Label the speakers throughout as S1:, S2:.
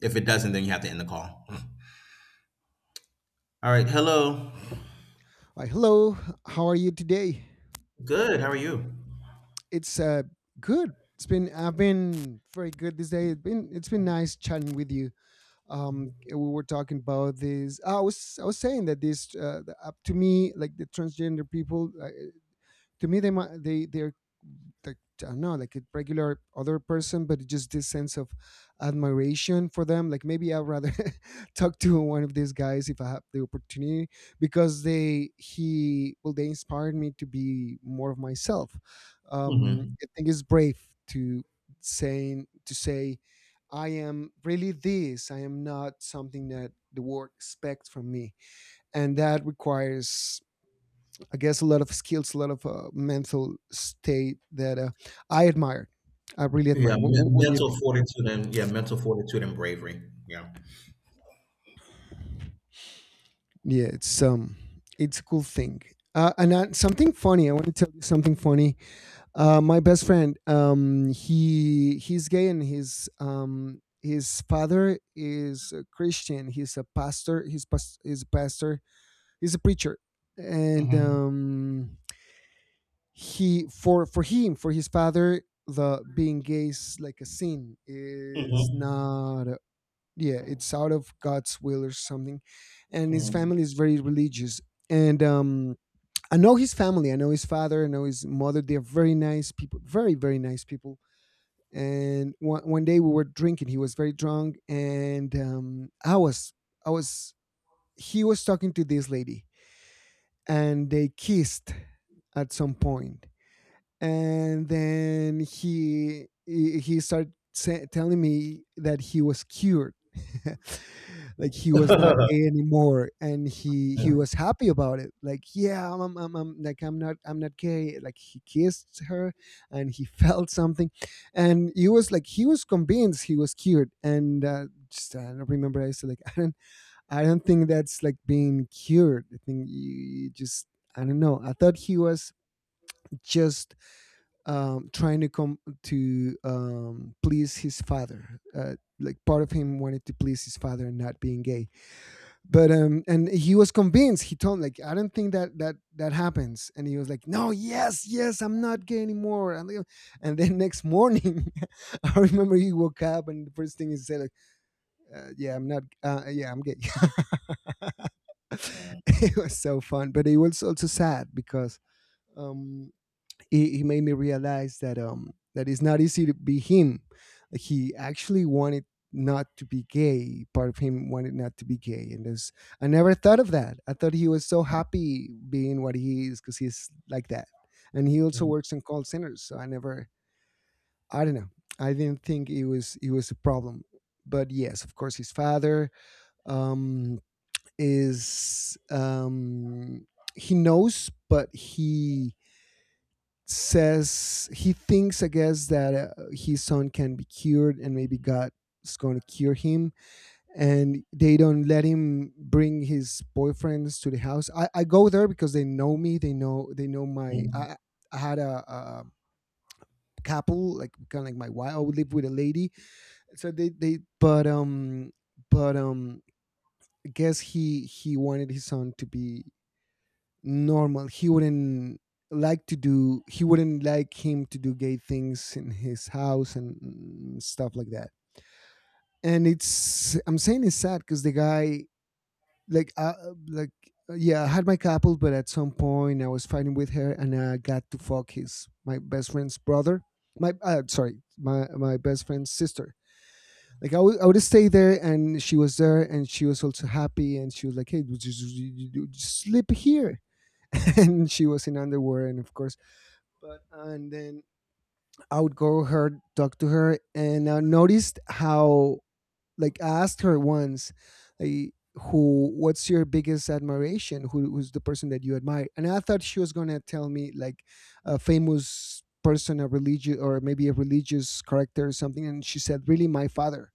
S1: If it doesn't, then you have to end the call. All right. Hello.
S2: Hi. Hello. How are you today?
S1: Good. How are you?
S2: It's good. It's been I've been very good this day. It's been nice chatting with you. We were talking about this. I was saying that up to me like the transgender people to me they're like I don't know, like a regular other person, but just this sense of admiration for them. Like maybe I'd rather talk to one of these guys if I have the opportunity because they he well they inspired me to be more of myself.
S1: Hmm.
S2: I think it's brave to say I am really this. I am not something that the world expects from me, and that requires I guess a lot of skills, a lot of mental state that I admired. I really
S1: Yeah.
S2: admire. What, what, what do you
S1: Mental
S2: think?
S1: fortitude and yeah, mental fortitude and bravery. Yeah.
S2: Yeah, it's a cool thing. And something funny. I want to tell you something funny. My best friend, he's gay, and his father is a Christian. He's a pastor. He's a preacher, and
S1: Hmm.
S2: he for his father the being gay is like a sin
S1: Hmm.
S2: is not a- yeah, it's out of God's will or something, and his
S1: Mm.
S2: family is very religious. And I know his family, I know his father, I know his mother. They're very nice people, very nice people. And one day we were drinking. He was very drunk, and I was he was talking to this lady, and they kissed at some point. And then he started telling me that he was cured like he was not gay anymore, and he
S1: Mm,
S2: was happy about it. Like, yeah, like I'm not gay, like he kissed her, and he felt something. And he was like, he was convinced he was cured. And just I don't remember I said, like, I don't, I don't think that's like being cured. I think you just, I don't know, I thought he was just trying to come to please his father. Like part of him wanted to please his father and not being gay. But and he was convinced. He told him, like, I don't think that that happens. And he was like, no, yes, yes, I'm not gay anymore. And then next morning, I remember he woke up and the first thing he said, like, yeah, I'm not. Yeah, I'm gay.
S1: mm,
S2: It was so fun, but it was also sad because. Um, he made me realize that that it's not easy to be him. Like, he actually wanted not to be gay. Part of him wanted not to be gay, and this I never thought of that. I thought he was so happy being what he is because he's like that, and he also
S1: mm,
S2: works in call centers. So I never, I don't know, I didn't think it was a problem. But yes, of course, his father um, is he knows, but he says he thinks, I guess, that his son can be cured, and maybe God is going to cure him. And they don't let him bring his boyfriends to the house. I go there because they know me. They know my.
S1: mm,
S2: I had a couple, like kind of like my wife. I would live with a lady. So they but but um I guess he wanted his son to be normal. He wouldn't like him to do gay things in his house, and stuff like that. And it's, I'm saying it's sad because the guy like like yeah, I had my couple, but at some point I was fighting with her, and I got to fuck his my best friend's brother. My my best friend's sister. Like I would stay there, and she was there, and she was also happy, and she was like, "Hey, just sleep here," and she was in underwear, and of course. But and then I would go her, talk to her, and I noticed how, like, I asked her once, like, who, what's your biggest admiration, who's the person that you admire? And I thought she was gonna tell me like a famous person, a religious, or maybe a religious character or something. And she said, really, my father.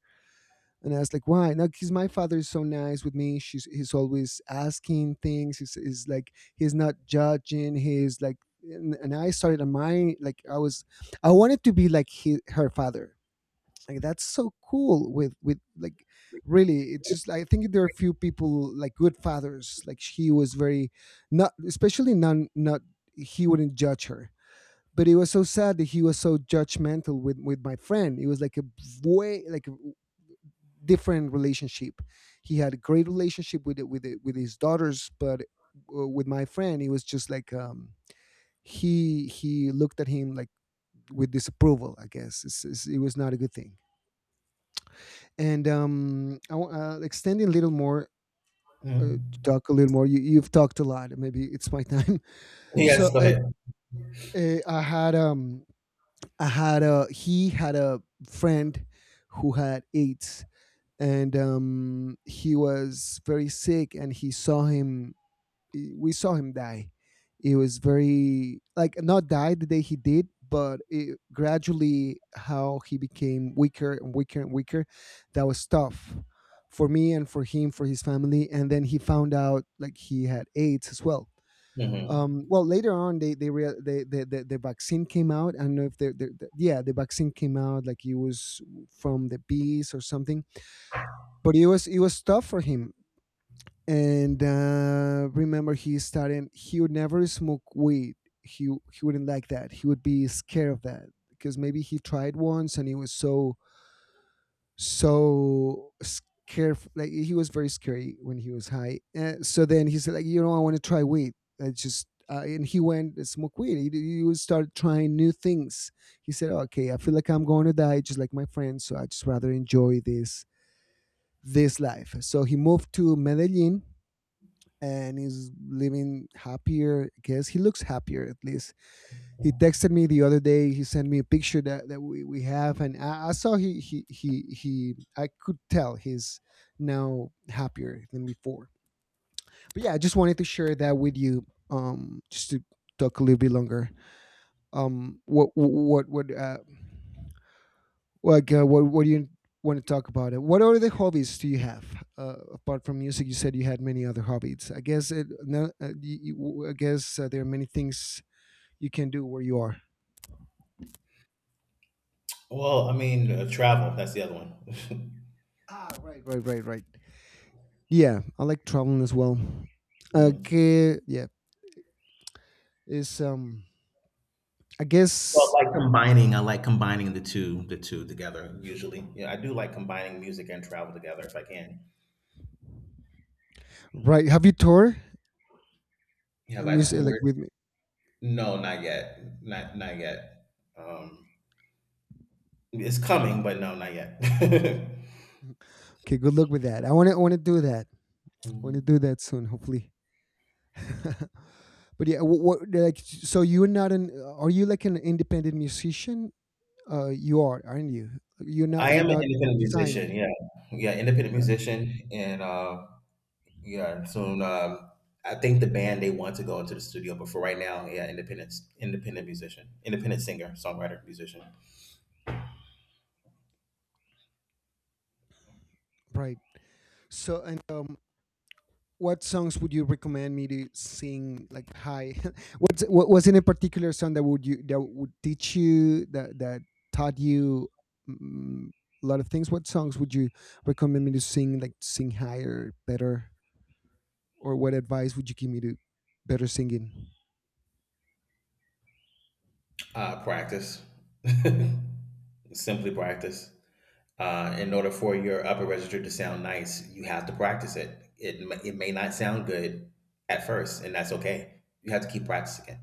S2: And I was like, why? Now, because my father is so nice with me. He's always asking things. He's like, he's not judging. He's like, and I started on my, like, I was, I wanted to be like her father. Like, that's so cool with, like, really, it's just, I think there are few people like good fathers. Like, he was very, not, especially none, not, he wouldn't judge her. But it was so sad that he was so judgmental with my friend. It was like a way, like different relationship. He had a great relationship with it, with it, with his daughters, but with my friend, it was just like he looked at him like with disapproval. I guess it's, it was not a good thing. And extending a little more to
S1: mm.
S2: talk a little more. You've talked a lot. Maybe it's my time.
S1: Yes,
S2: So
S1: go ahead.
S2: uh, I had um I had a he had a friend who had AIDS, and he was very sick, and he saw him we saw him die. It was very like not die the day he did, but it gradually how he became weaker and weaker and weaker. That was tough for me and for him, for his family. And then he found out like he had AIDS as well.
S1: Hmm.
S2: Well, later on, they, rea- they, the vaccine came out. I don't know if the vaccine came out, like it was from the bees or something. But it was tough for him, and remember he started he would never smoke weed. He wouldn't like that. He would be scared of that because maybe he tried once and he was so so scared. Like he was very scary when he was high. So then he said, like, you know, I want to try weed. I just, and he went and smoked weed. He he would start trying new things. He said, okay, I feel like I'm going to die just like my friends, so I just rather enjoy this, this life. So he moved to Medellin, and he's living happier. I guess he looks happier at least. He texted me the other day. He sent me a picture that we have, and I saw he I could tell he's now happier than before. But yeah, I just wanted to share that with you. Just to talk a little bit longer. Um, what what what uh, what do you want to talk about it, what other hobbies do you have, apart from music? You said you had many other hobbies. I guess it, no, you, you- I guess there are many things you can do where you are.
S1: Well, I mean, travel, that's the other one.
S2: Ah, right yeah, I like traveling as well.
S1: Mm.
S2: Okay, yeah. is I
S1: Well,
S2: guess
S1: I like combining the two together usually. Yeah, I do like combining music and travel together if I can.
S2: Right, have you toured
S1: Have I
S2: music, like,
S1: toured?
S2: with me?
S1: No, not yet. Not yet. Um, it's coming, but no, not yet.
S2: Okay, good luck with that. I want to do that. I want to do
S1: Mm.
S2: that soon, hopefully. But yeah, what, like, so you're not an, are you like an independent musician? You are, aren't you?
S1: I
S2: You're
S1: am an
S2: not
S1: independent
S2: signed,
S1: musician. Yeah, yeah, independent
S2: uh,
S1: musician, and yeah, and soon. I think the band they want to go into the studio, but for right now, yeah, independent, independent musician, independent singer, songwriter, musician.
S2: right? So and what songs would you recommend me to sing like high? What's what was in a particular song that would you that would teach you that that taught you mm, a lot of things? What songs would you recommend me to sing like sing higher, better? Or what advice would you give me to better singing?
S1: Practice. Simply practice. In order for your upper register to sound nice, you have to practice it. It may not sound good at first, and that's okay. You have to keep practicing it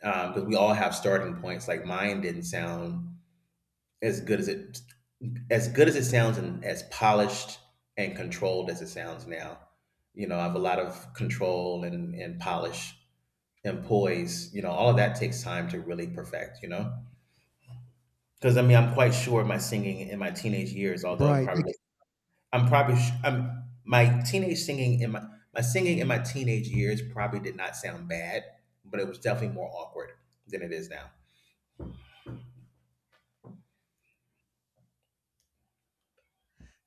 S1: because we all have starting points. Like mine didn't sound as good as it as good as it sounds and as polished and controlled as it sounds now. You know, I have a lot of control and, polish and poise. You know, all of that takes time to really perfect, you know? Because I mean, I'm quite sure my singing in my teenage years, although it
S2: Right,
S1: probably
S2: like,
S1: was, I'm probably, sh- I'm, my teenage singing in my, my singing in my teenage years probably did not sound bad, but it was definitely more awkward than it is now.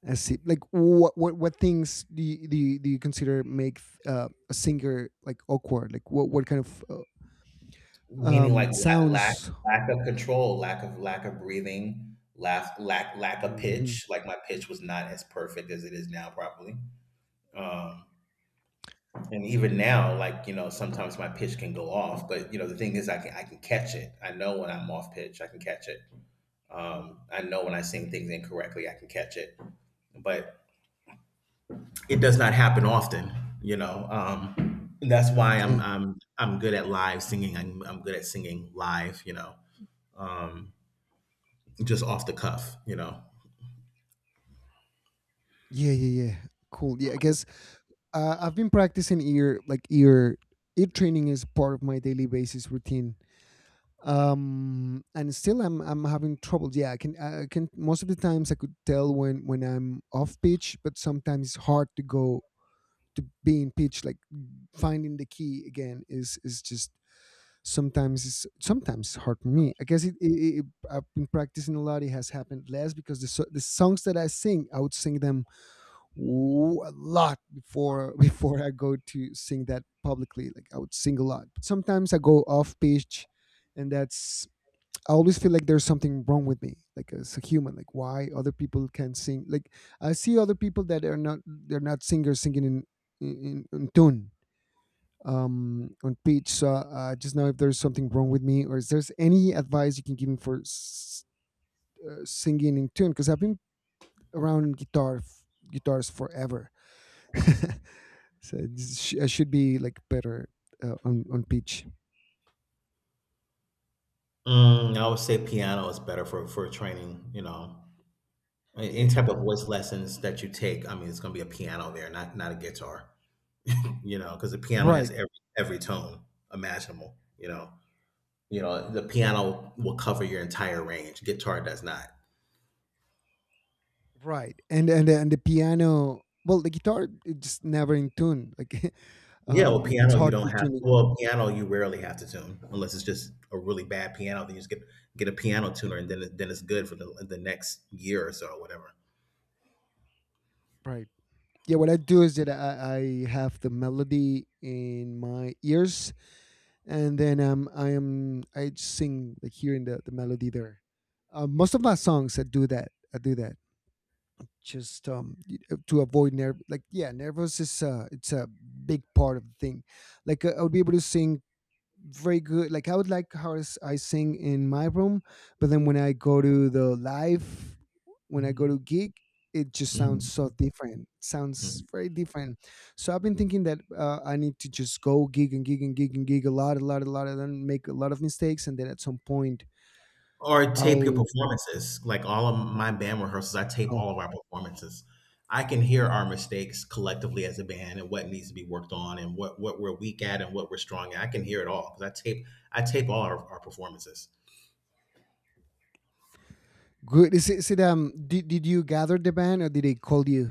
S2: I see. Like, what things do you, do you consider make a singer like awkward? Like, what kind of
S1: Meaning like
S2: sounds?
S1: lack of control, lack of breathing, lack of
S2: Mhm.
S1: pitch. Like my pitch was not as perfect as it is now, probably. And even now, like you know, sometimes my pitch can go off. But you know, the thing is, I can catch it. I know when I'm off pitch, I can catch it. I know when I sing things incorrectly, I can catch it. But it does not happen often, you know. And that's why
S2: Okay,
S1: I'm good at live singing. I'm good at singing live, you know, just off the cuff, you know.
S2: yeah. Cool. Yeah, I guess I've been practicing ear, like ear training is part of my daily basis routine. And still I'm having trouble. Yeah, I can most of the times I could tell when I'm off pitch, but sometimes it's hard to go to be in pitch. Like finding the key again is just sometimes it's hard for me. I guess it, it, it I've been practicing a lot. It has happened less because the songs that I sing, I would sing them a lot before before I go to sing that publicly. Like I would sing a lot. Sometimes I go off pitch, and that's I always feel like there's something wrong with me, like as a human. Like why other people can sing? Like I see other people that are not they're not singers singing in tune, on pitch. So just know if there's something wrong with me, or is there's any advice you can give me for singing in tune, because I've been around guitars forever. So I should be like better on pitch.
S1: Mm, I would say piano is better for training, you know. Any
S2: Yeah.
S1: type of voice lessons that you take, I mean, it's going to be a piano there, not a guitar, you know, because the piano has
S2: Right,
S1: every tone imaginable, you know. You know, the piano will cover your entire range. Guitar does not.
S2: right. And and the piano. Well, the guitar it's just never in tune. Like,
S1: Yeah, well,
S2: it's
S1: piano you
S2: hard to
S1: don't have.
S2: tune it.
S1: Well, piano you rarely have to tune unless it's just a really bad piano. Then you just get a piano tuner, and then then it's good for the next year or so, or whatever.
S2: Right. Yeah. What I do is that I have the melody in my ears, and then I sing like hearing the melody there. Most of my songs I do that. I do that. Just to avoid nerve like yeah nervous is it's a big part of the thing. Like I would be able to sing very good. Like I would like I sing in my room, but then when I go to the live, when I go to gig, it just sounds
S1: Mhm.
S2: so different. Sounds
S1: Mhm.
S2: very different. So I've been thinking that I need to just go gig and gig and gig and gig a lot, a lot, a lot, and then make a lot of mistakes, and then at some point
S1: Or tape your
S2: I'll.
S1: performances. Like all of my band rehearsals, I tape
S2: Oh,
S1: all of our performances. I can hear our mistakes collectively as a band and what needs to be worked on and what we're weak at and what we're strong at. I can hear it all because I tape all our performances.
S2: good. Is it, is it did you gather the band, or did they call you?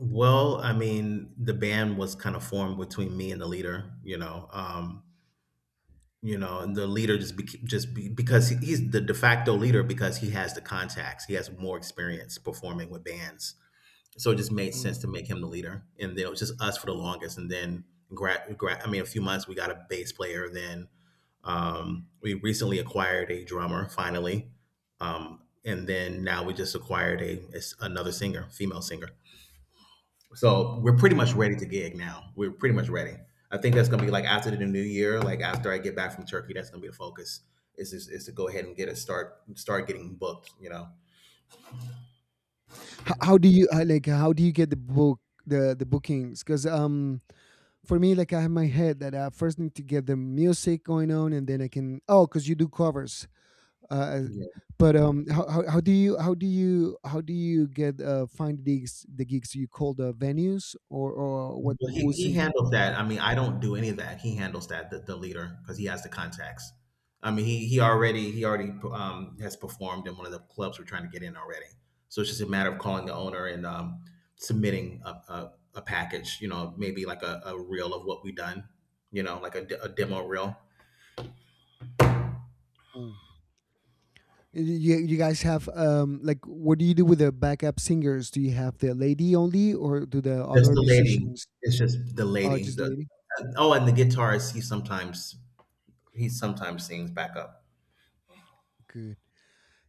S1: Well, I mean, the band was kind of formed between me and the leader, you know. You know, and the leader because he's the de facto leader because he has the contacts, he has more experience performing with bands. So it just made
S2: Mm.
S1: sense to make him the leader. And then it was just us for the longest. And then, I mean, a few months we got a bass player. Then we recently acquired a drummer finally, and then now we just acquired a another singer, female singer. So we're pretty much ready to gig now. We're pretty much ready. I think that's gonna be like after the new year, like after I get back from Turkey, that's gonna be the focus. Is to go ahead and get a start, start getting booked. You know.
S2: H- how do you like how do you get the bookings, because for me like I have my head that I first need to get the music going on, and then I can. Oh, because you do covers. uh,
S1: Yeah.
S2: but how do you how do you how do you get find the gigs, you call the venues, or what,
S1: Well,
S2: who's
S1: he
S2: in
S1: handles
S2: charge?
S1: that. I mean, I don't do any of that. He handles that, the leader, because he has the contacts. I mean, he already has performed in one of the clubs we're trying to get in already. So it's just a matter of calling the owner and submitting a package. You know, maybe like a reel of what we've done. You know, like a demo reel.
S2: Mm. You guys have like what do you do with the backup singers? Do you have the lady only, or do the
S1: Just
S2: other
S1: the lady.
S2: musicians?
S1: It's just the
S2: Oh,
S1: lady.
S2: just
S1: The,
S2: lady.
S1: oh, and the guitarist. He sometimes sings backup.
S2: Good.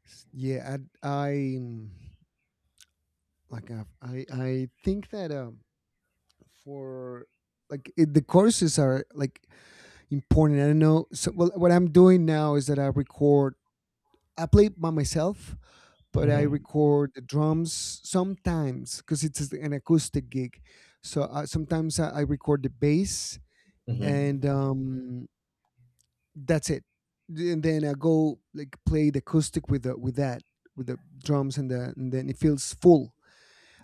S2: Yeah. I i like i i, I think that for like it, the courses are like important. I don't know. So, well, what I'm doing now is that I record. I play by myself, but I
S1: Hmm.
S2: record the drums sometimes because it's an acoustic gig. So sometimes I record the bass,
S1: Hmm.
S2: and that's it. And then I go like play the acoustic with the with that with the drums, and then it feels full.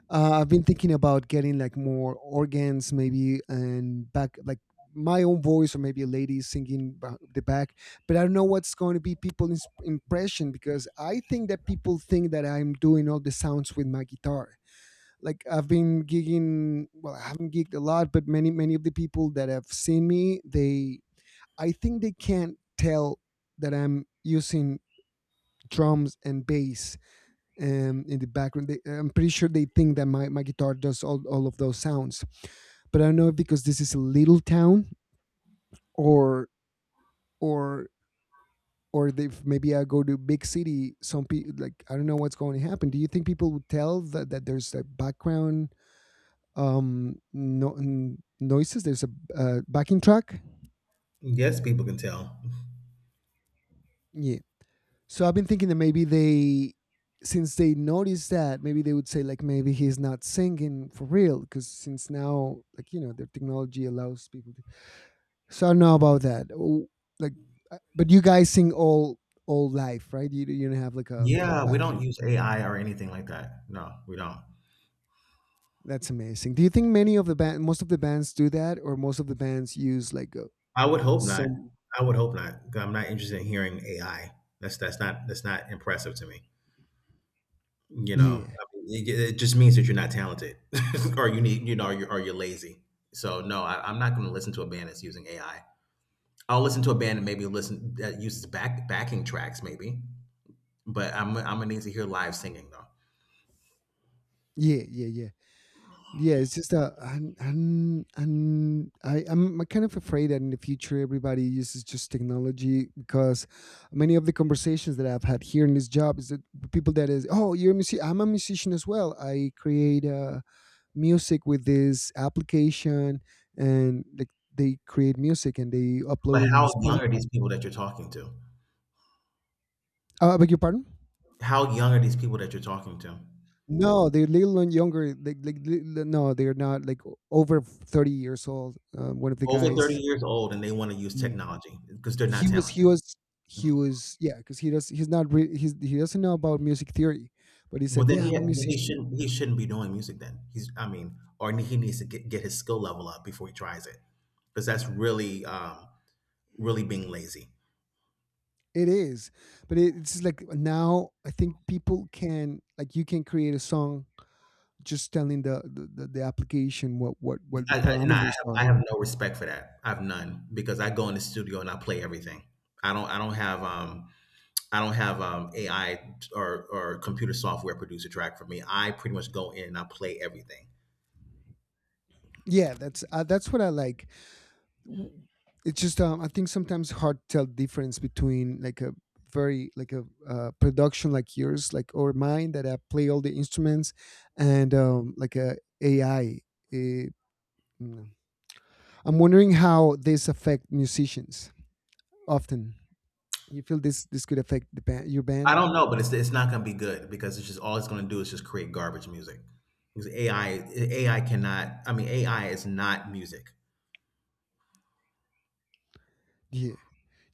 S2: I've been thinking about getting like more organs, maybe, and back like my own voice, or maybe a lady singing the back. But I don't know what's going to be people's impression, because I think that people think that I'm doing all the sounds with my guitar. Like I've been gigging, well, I haven't gigged a lot, but many many of the people that have seen me, they I think they can't tell that I'm using drums and bass in the background. They, I'm pretty sure they think that my guitar does all of those sounds. But I don't know if, because this is a little town, or or if maybe I go to big city. Some people, like I don't know what's going to happen. Do you think people would tell that, that there's a background no n- noises? There's a backing track.
S1: Yes, people can tell.
S2: Yeah. So I've been thinking that maybe they, since they noticed that, maybe they would say like maybe he's not singing for real, because since now like you know their technology allows people to. So I don't know about that. Oh. Like, but you guys sing all live, right? You don't have like a
S1: Yeah, we
S2: back.
S1: don't use AI or anything like that. No, we don't.
S2: That's amazing. Do you think many of the band, most of the bands do that, or most of the bands use like
S1: I would
S2: a
S1: hope not.
S2: some?
S1: I would hope not, 'cause I'm not interested in hearing AI. That's not impressive to me. You know,
S2: Yeah,
S1: I mean, it just means that you're not talented, or you need you know, or or you're lazy. So no, I, I'm not going to listen to a band that's using AI. I'll listen to a band that maybe listen that uses backing tracks, maybe. But I'm gonna need to hear live singing though.
S2: yeah, yeah, yeah. Yeah, it's just a. And I'm kind of afraid that in the future everybody uses just technology, because many of the conversations that I've had here in this job is that the people that is, oh, you're a musician, I'm a musician as well, I create music with this application. And like they create music and they upload it
S1: But
S2: in
S1: how young are
S2: Spotify.
S1: these people that you're talking to?
S2: I beg your pardon?
S1: How young are these people that you're talking to?
S2: No, they're little and younger. Like, no, they're not like over 30 years old. One of the
S1: Over 30
S2: guys.
S1: years old and they want to use technology because they're not
S2: He was
S1: talented.
S2: he was he was Yeah, because he does, he's not re- he's, he doesn't know about music theory, but he
S1: Well,
S2: said, yeah, I'm a
S1: then
S2: musician.
S1: he shouldn't be doing music. Then he's I mean, or he needs to get his skill level up before he tries it because that's really really being lazy.
S2: It is. But it, it's just like now I think people can, like you can create a song just telling the application what the
S1: And
S2: parameters are.
S1: I have no respect for that. I have none because I go in the studio and I play everything. I don't have AI or computer software produce a track for me. I pretty much go in and I play everything.
S2: Yeah, that's what I like. w- it's just I think sometimes hard to tell difference between like a very like a production like yours, like or mine, that I play all the instruments, and like a AI. eh, mm. I'm wondering how this affect musicians often. You feel this this could affect the band, your
S1: I
S2: band?
S1: don't know, but it's not going to be good because it's just all it's going to do is just create garbage music. Because AI cannot. I mean, AI is not music.
S2: Yeah.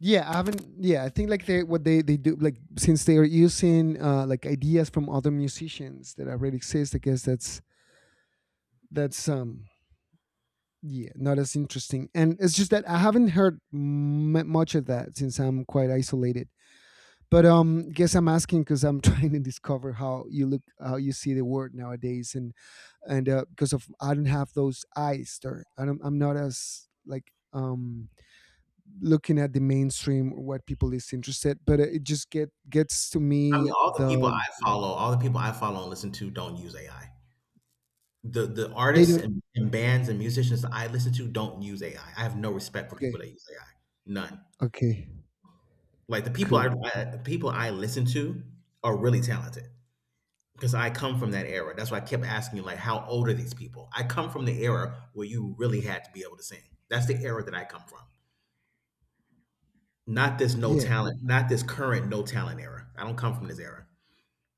S2: Yeah, I haven't. Yeah, I think like they what they do like since they are using like ideas from other musicians that already exist. I guess that's yeah, not as interesting. And it's just that I haven't heard much of that since I'm quite isolated. But guess I'm asking because I'm trying to discover how you look, how you see the world nowadays, and because of, I don't have those eyes there, I don't, I'm not as like looking at the mainstream or what people is interested, but it just gets to
S1: I mean,
S2: me
S1: all the people I
S2: the.
S1: follow, all the people I follow and listen to, don't use AI. The
S2: They
S1: artists
S2: don't.
S1: and bands and musicians that I listen to don't use AI. I have no respect for
S2: Okay.
S1: people that use AI. None.
S2: Okay,
S1: Like
S2: good.
S1: I the people I listen to are really talented. Because I come from that era. That's why I kept asking you, like, how old are these people? I come from the era where you really had to be able to sing. That's the era that I come from. Not this no
S2: Yeah,
S1: talent, not this current no talent era. I don't come from this era.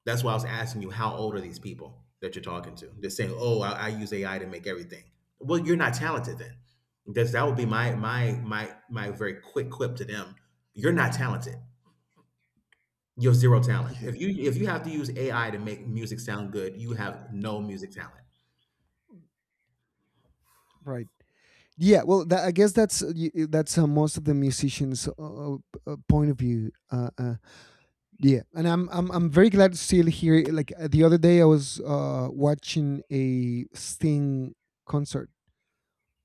S1: That's why I was asking you, how old are these people that you're talking to? They're saying, oh, I use AI to make everything. Well, you're not talented then. Because that would be my very quick quip to them. You're not talented. You have zero talent.
S2: yeah,
S1: If you have to use AI to make music sound good, you have no music talent.
S2: right. Yeah, well, that, I guess that's that's most of the musicians' point of view. Yeah, and I'm very glad to still here. Like the other day, I was watching a Sting concert,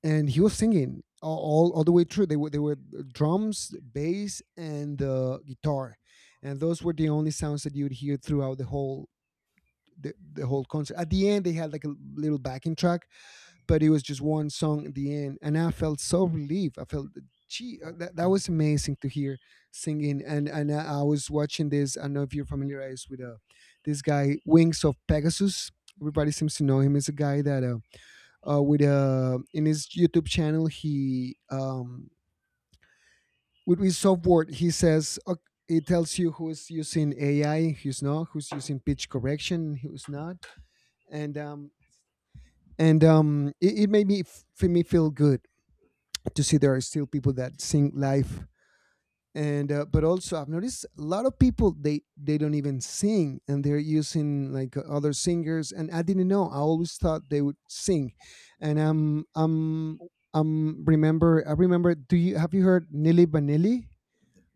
S2: and he was singing all the way through. They were drums, bass, and guitar, and those were the only sounds that you would hear throughout the whole concert. At the end, they had like a little backing track, but it was just one song at the end. And I felt so relieved. I felt gee, that, that was amazing to hear singing. And I was watching this, I don't know if you're familiarized with this guy Wings of Pegasus. Everybody seems to know him. He's a guy that with in his YouTube channel he with his software he says it tells you who's using AI, who's not, who's using pitch correction, who's not. And it, it made me me feel good to see there are still people that sing live. And but also I've noticed a lot of people, they don't even sing, and they're using like other singers, and I didn't know, I always thought they would sing. And I remember, do you, have you heard Nilly Vanilli?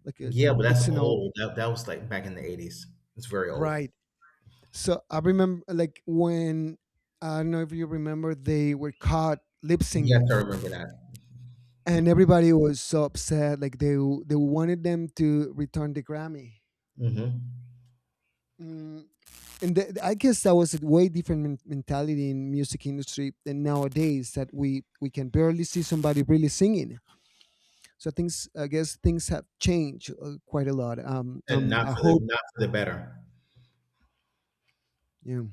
S2: Like a,
S1: Yeah, but that's
S2: it's an old.
S1: old. That was like back in the 80s. It's very old.
S2: Right. So I remember, like when I don't know if you remember, they were caught lip
S1: Yes,
S2: singing,
S1: I remember that.
S2: and everybody was so upset like they wanted them to return the Grammy.
S1: Hmm.
S2: mm, I guess that was a way different mentality in music industry than nowadays that we can barely see somebody really singing. So things I guess things have changed quite a lot.
S1: And not
S2: I
S1: for the
S2: hope.
S1: not for the better.
S2: Yeah.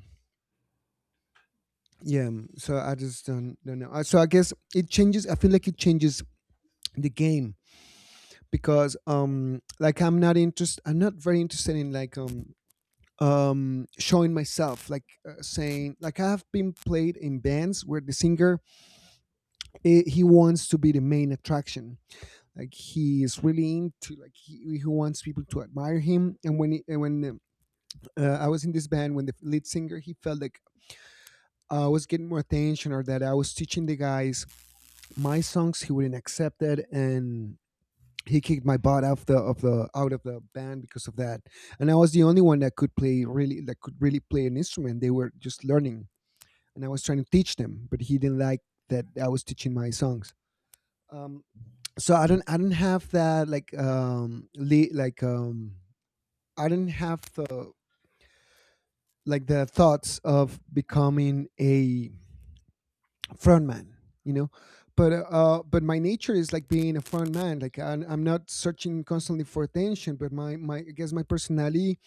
S2: Yeah. So I just don't know. So I guess it changes. I feel like it changes the game. Because like I'm not very interested in like showing myself like, saying like, I have been played in bands where the singer, he wants to be the main attraction. Like he is really into like he wants people to admire him. And when he, and when I was in this band when the lead singer, he felt like I was getting more attention or that I was teaching the guys my songs. He wouldn't accept that, and he kicked my butt off the of the out of the band because of that. And I was the only one that could play really, that could really play an instrument. They were just learning, and I was trying to teach them, but he didn't like that I was teaching my songs. Um, so I don't have that, like like I don't have the, like the thoughts of becoming a front man, you know. But but my nature is like being a front man. Like I'm not searching constantly for attention, but my I guess my personality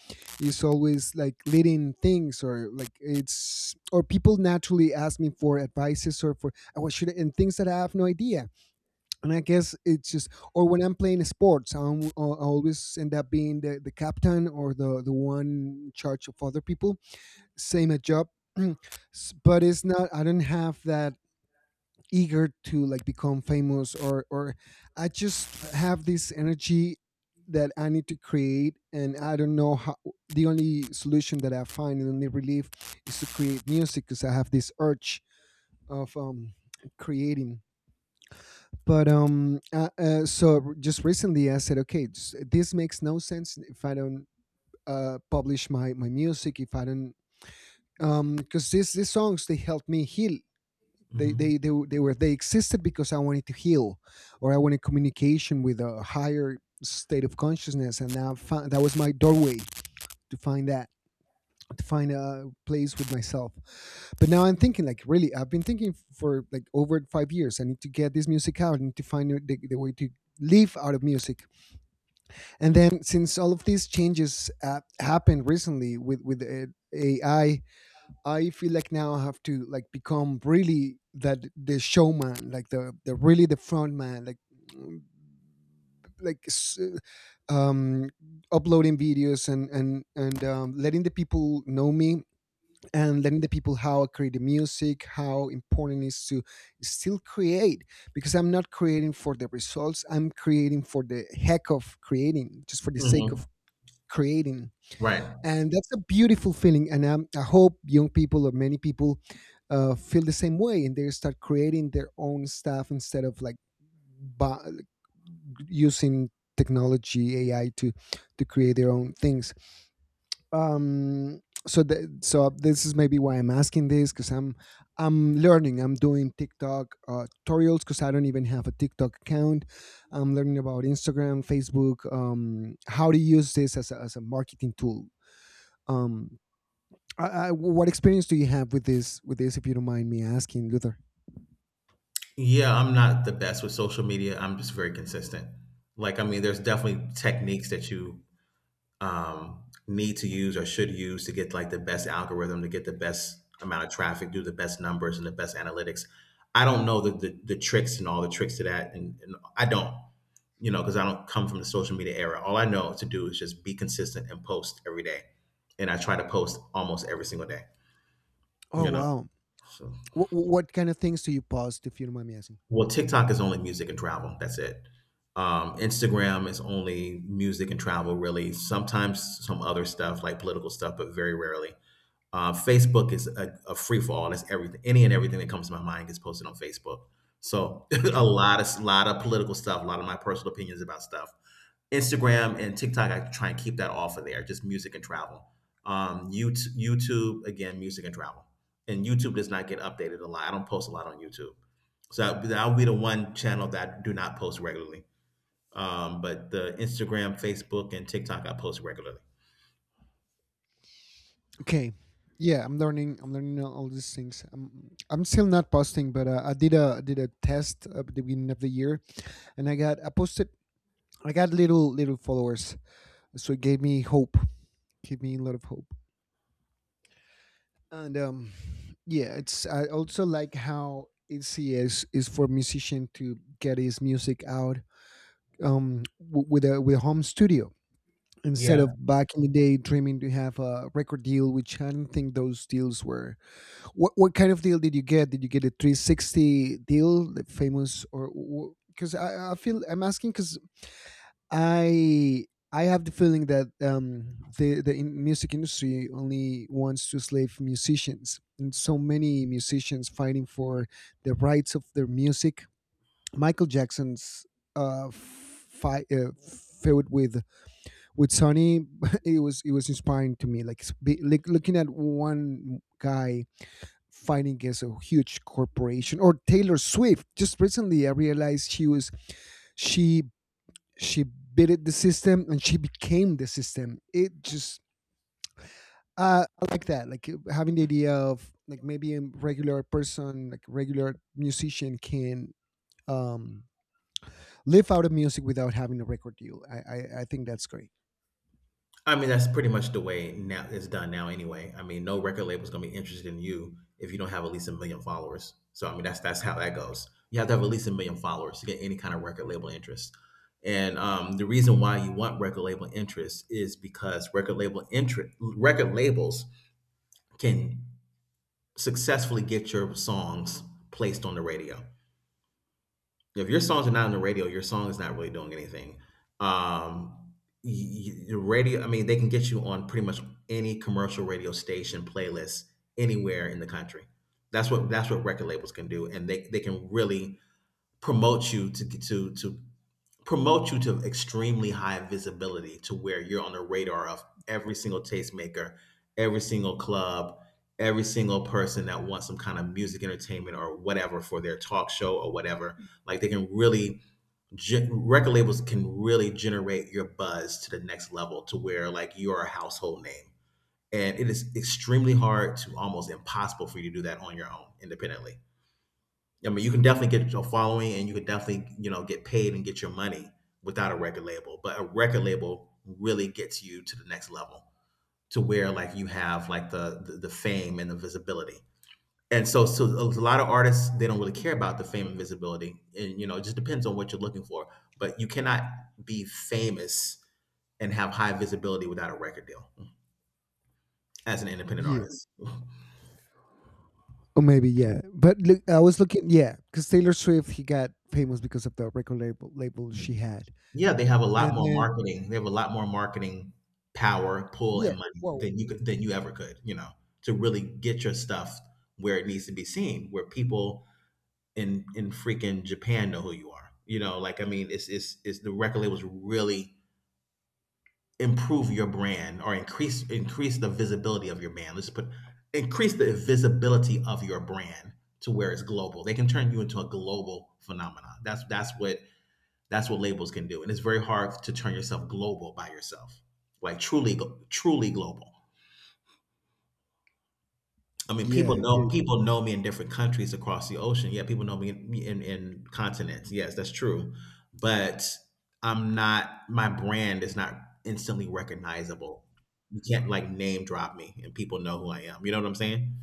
S2: is always like leading things, or like it's, or people naturally ask me for advices or for, what should I, and things that I have no idea. And I guess it's just, or when I'm playing sports, I always end up being the captain or the one in charge of other people, same at job. But it's not, I don't have that eager to like become famous or I just have this energy that I need to create, and I don't know how. The only solution that I find, the only relief is to create music, because I have this urge of, creating. But so just recently I said, okay, this makes no sense if I don't publish my my music, if I don't, because these songs, they help me heal. they
S1: Hmm.
S2: they they, were- they were they existed because I wanted to heal, or I wanted communication with a higher state of consciousness, and now found, that was my doorway to find that, to find a place with myself. But now I'm thinking, like really, I've been thinking for like over 5 years, I need to get this music out. I need to find the way to live out of music. And then since all of these changes happened recently with ai, I feel like now I have to like become really that, the showman, like the really the front man, like, mm, like um uploading videos and letting the people know me, and letting the people how I create the music, how important it is to still create. Because I'm not creating for the results, I'm creating for the heck of creating, just for the sake
S1: Hmm.
S2: of creating.
S1: Right.
S2: And that's a beautiful feeling. And I hope young people or many people feel the same way and they start creating their own stuff instead of like bu- using technology, ai, to create their own things. um so so this is maybe why I'm asking this, because I'm doing tiktok tutorials because I don't even have a tiktok account. I'm learning about instagram, facebook, how to use this as as a marketing tool. um what experience do you have with this? With this, if you don't mind me asking, Luther?
S1: Yeah, I'm not the best with social media. I'm just very consistent. Like, I mean, there's definitely techniques that you need to use or should use to get like the best algorithm, to get the best amount of traffic, do the best numbers and the best analytics. I don't know the tricks and all the tricks to that, and I don't. You know, because I don't come from the social media era. All I know to do is just be consistent and post every day. And I try to post almost every single day,
S2: Oh
S1: you know.
S2: wow.
S1: So.
S2: What kind of things do you post, if you don't mind me asking?
S1: Well, TikTok is only music and travel. That's it. Instagram is only music and travel, really. Sometimes some other stuff like political stuff, but very rarely. Facebook is a free for all. That's everything. Any and everything that comes to my mind gets posted on Facebook. So
S2: Okay.
S1: a lot of political stuff, a lot of my personal opinions about stuff. Instagram and TikTok, I try and keep that off of there. Just music and travel. YouTube again, music and travel. And YouTube does not get updated a lot. I don't post a lot on YouTube. So that that'll be the one channel that I do not post regularly. But the Instagram, Facebook, and TikTok I post regularly.
S2: Okay. Yeah, I'm learning. I'm learning all these things. I'm still not posting, but I did a test at the beginning of the year, and I posted. I got little followers, so it gave me hope. Gave me a lot of hope. And yeah, it's, I also like how ECS is for musician to get his music out, with a home studio, instead
S1: Yeah.
S2: of back in the day dreaming to have a record deal, which I don't think those deals were. What kind of deal did you get? Did you get a 360 deal, the famous, or? Because I feel I'm asking because I I have the feeling that the in music industry only wants to slave musicians, and so many musicians fighting for the rights of their music. Michael Jackson's feud with Sonny, it was, it was inspiring to me. Like, like looking at one guy fighting against a huge corporation. Or Taylor Swift. Just recently, I realized she was, she she bit the system and she became the system. It just, I like that, like having the idea of like maybe a regular person, like regular musician, can um live out of music without having a record deal. I think that's great.
S1: I mean, that's pretty much the way now it's done now anyway. I mean, no record label's gonna be interested in you if you don't have at least a million followers. So I mean, that's how that goes. You have to have at least a million followers to get any kind of record label interest. And the reason why you want record label interest is because record labels can successfully get your songs placed on the radio. If your songs are not on the radio, your song is not really doing anything. Um, the radio, I mean, they can get you on pretty much any commercial radio station playlist anywhere in the country. That's what record labels can do, and they can really promote you to to to promote you to extremely high visibility to where you're on the radar of every single tastemaker, every single club, every single person that wants some kind of music entertainment or whatever for their talk show or whatever. Like they can really record labels can really generate your buzz to the next level to where like you're a household name. And it is extremely hard to almost impossible for you to do that on your own independently. I mean, you can definitely get a following, and you can definitely, you know, get paid and get your money without a record label. But a record label really gets you to the next level, to where like you have like the fame and the visibility. And so a lot of artists they don't really care about the fame and visibility, and you know, it just depends on what you're looking for. But you cannot be famous and have high visibility without a record deal as an independent
S2: Yeah,
S1: artist.
S2: or maybe yeah. But look, I was looking, yeah, because Taylor Swift, he got famous because of the record label she had,
S1: Yeah, they have a lot
S2: and
S1: more
S2: then,
S1: marketing. They have a lot more marketing power, pull,
S2: yeah,
S1: and money
S2: whoa, whoa,
S1: than you
S2: whoa.
S1: could, than you ever could. You know, to really get your stuff where it needs to be seen, where people in freaking Japan know who you are. You know, like I mean, it's the record labels really improve your brand or increase increase the visibility of your brand. Let's put increase the visibility of your brand to where it's global. They can turn you into a global phenomenon. That's that's what labels can do. And it's very hard to turn yourself global by yourself. Like truly global. I mean,
S2: Yeah, yeah,
S1: people know me in different countries across the ocean. Yeah, people know me in, in continents. Yes, that's true. But I'm not my brand is not instantly recognizable. You can't like name drop me and people know who I am. You know what I'm saying?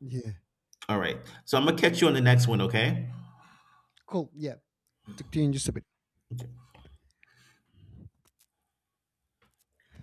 S2: yeah.
S1: All right. So I'm gonna catch you on the next one, okay?
S2: Cool. Yeah, talk to you in just a bit.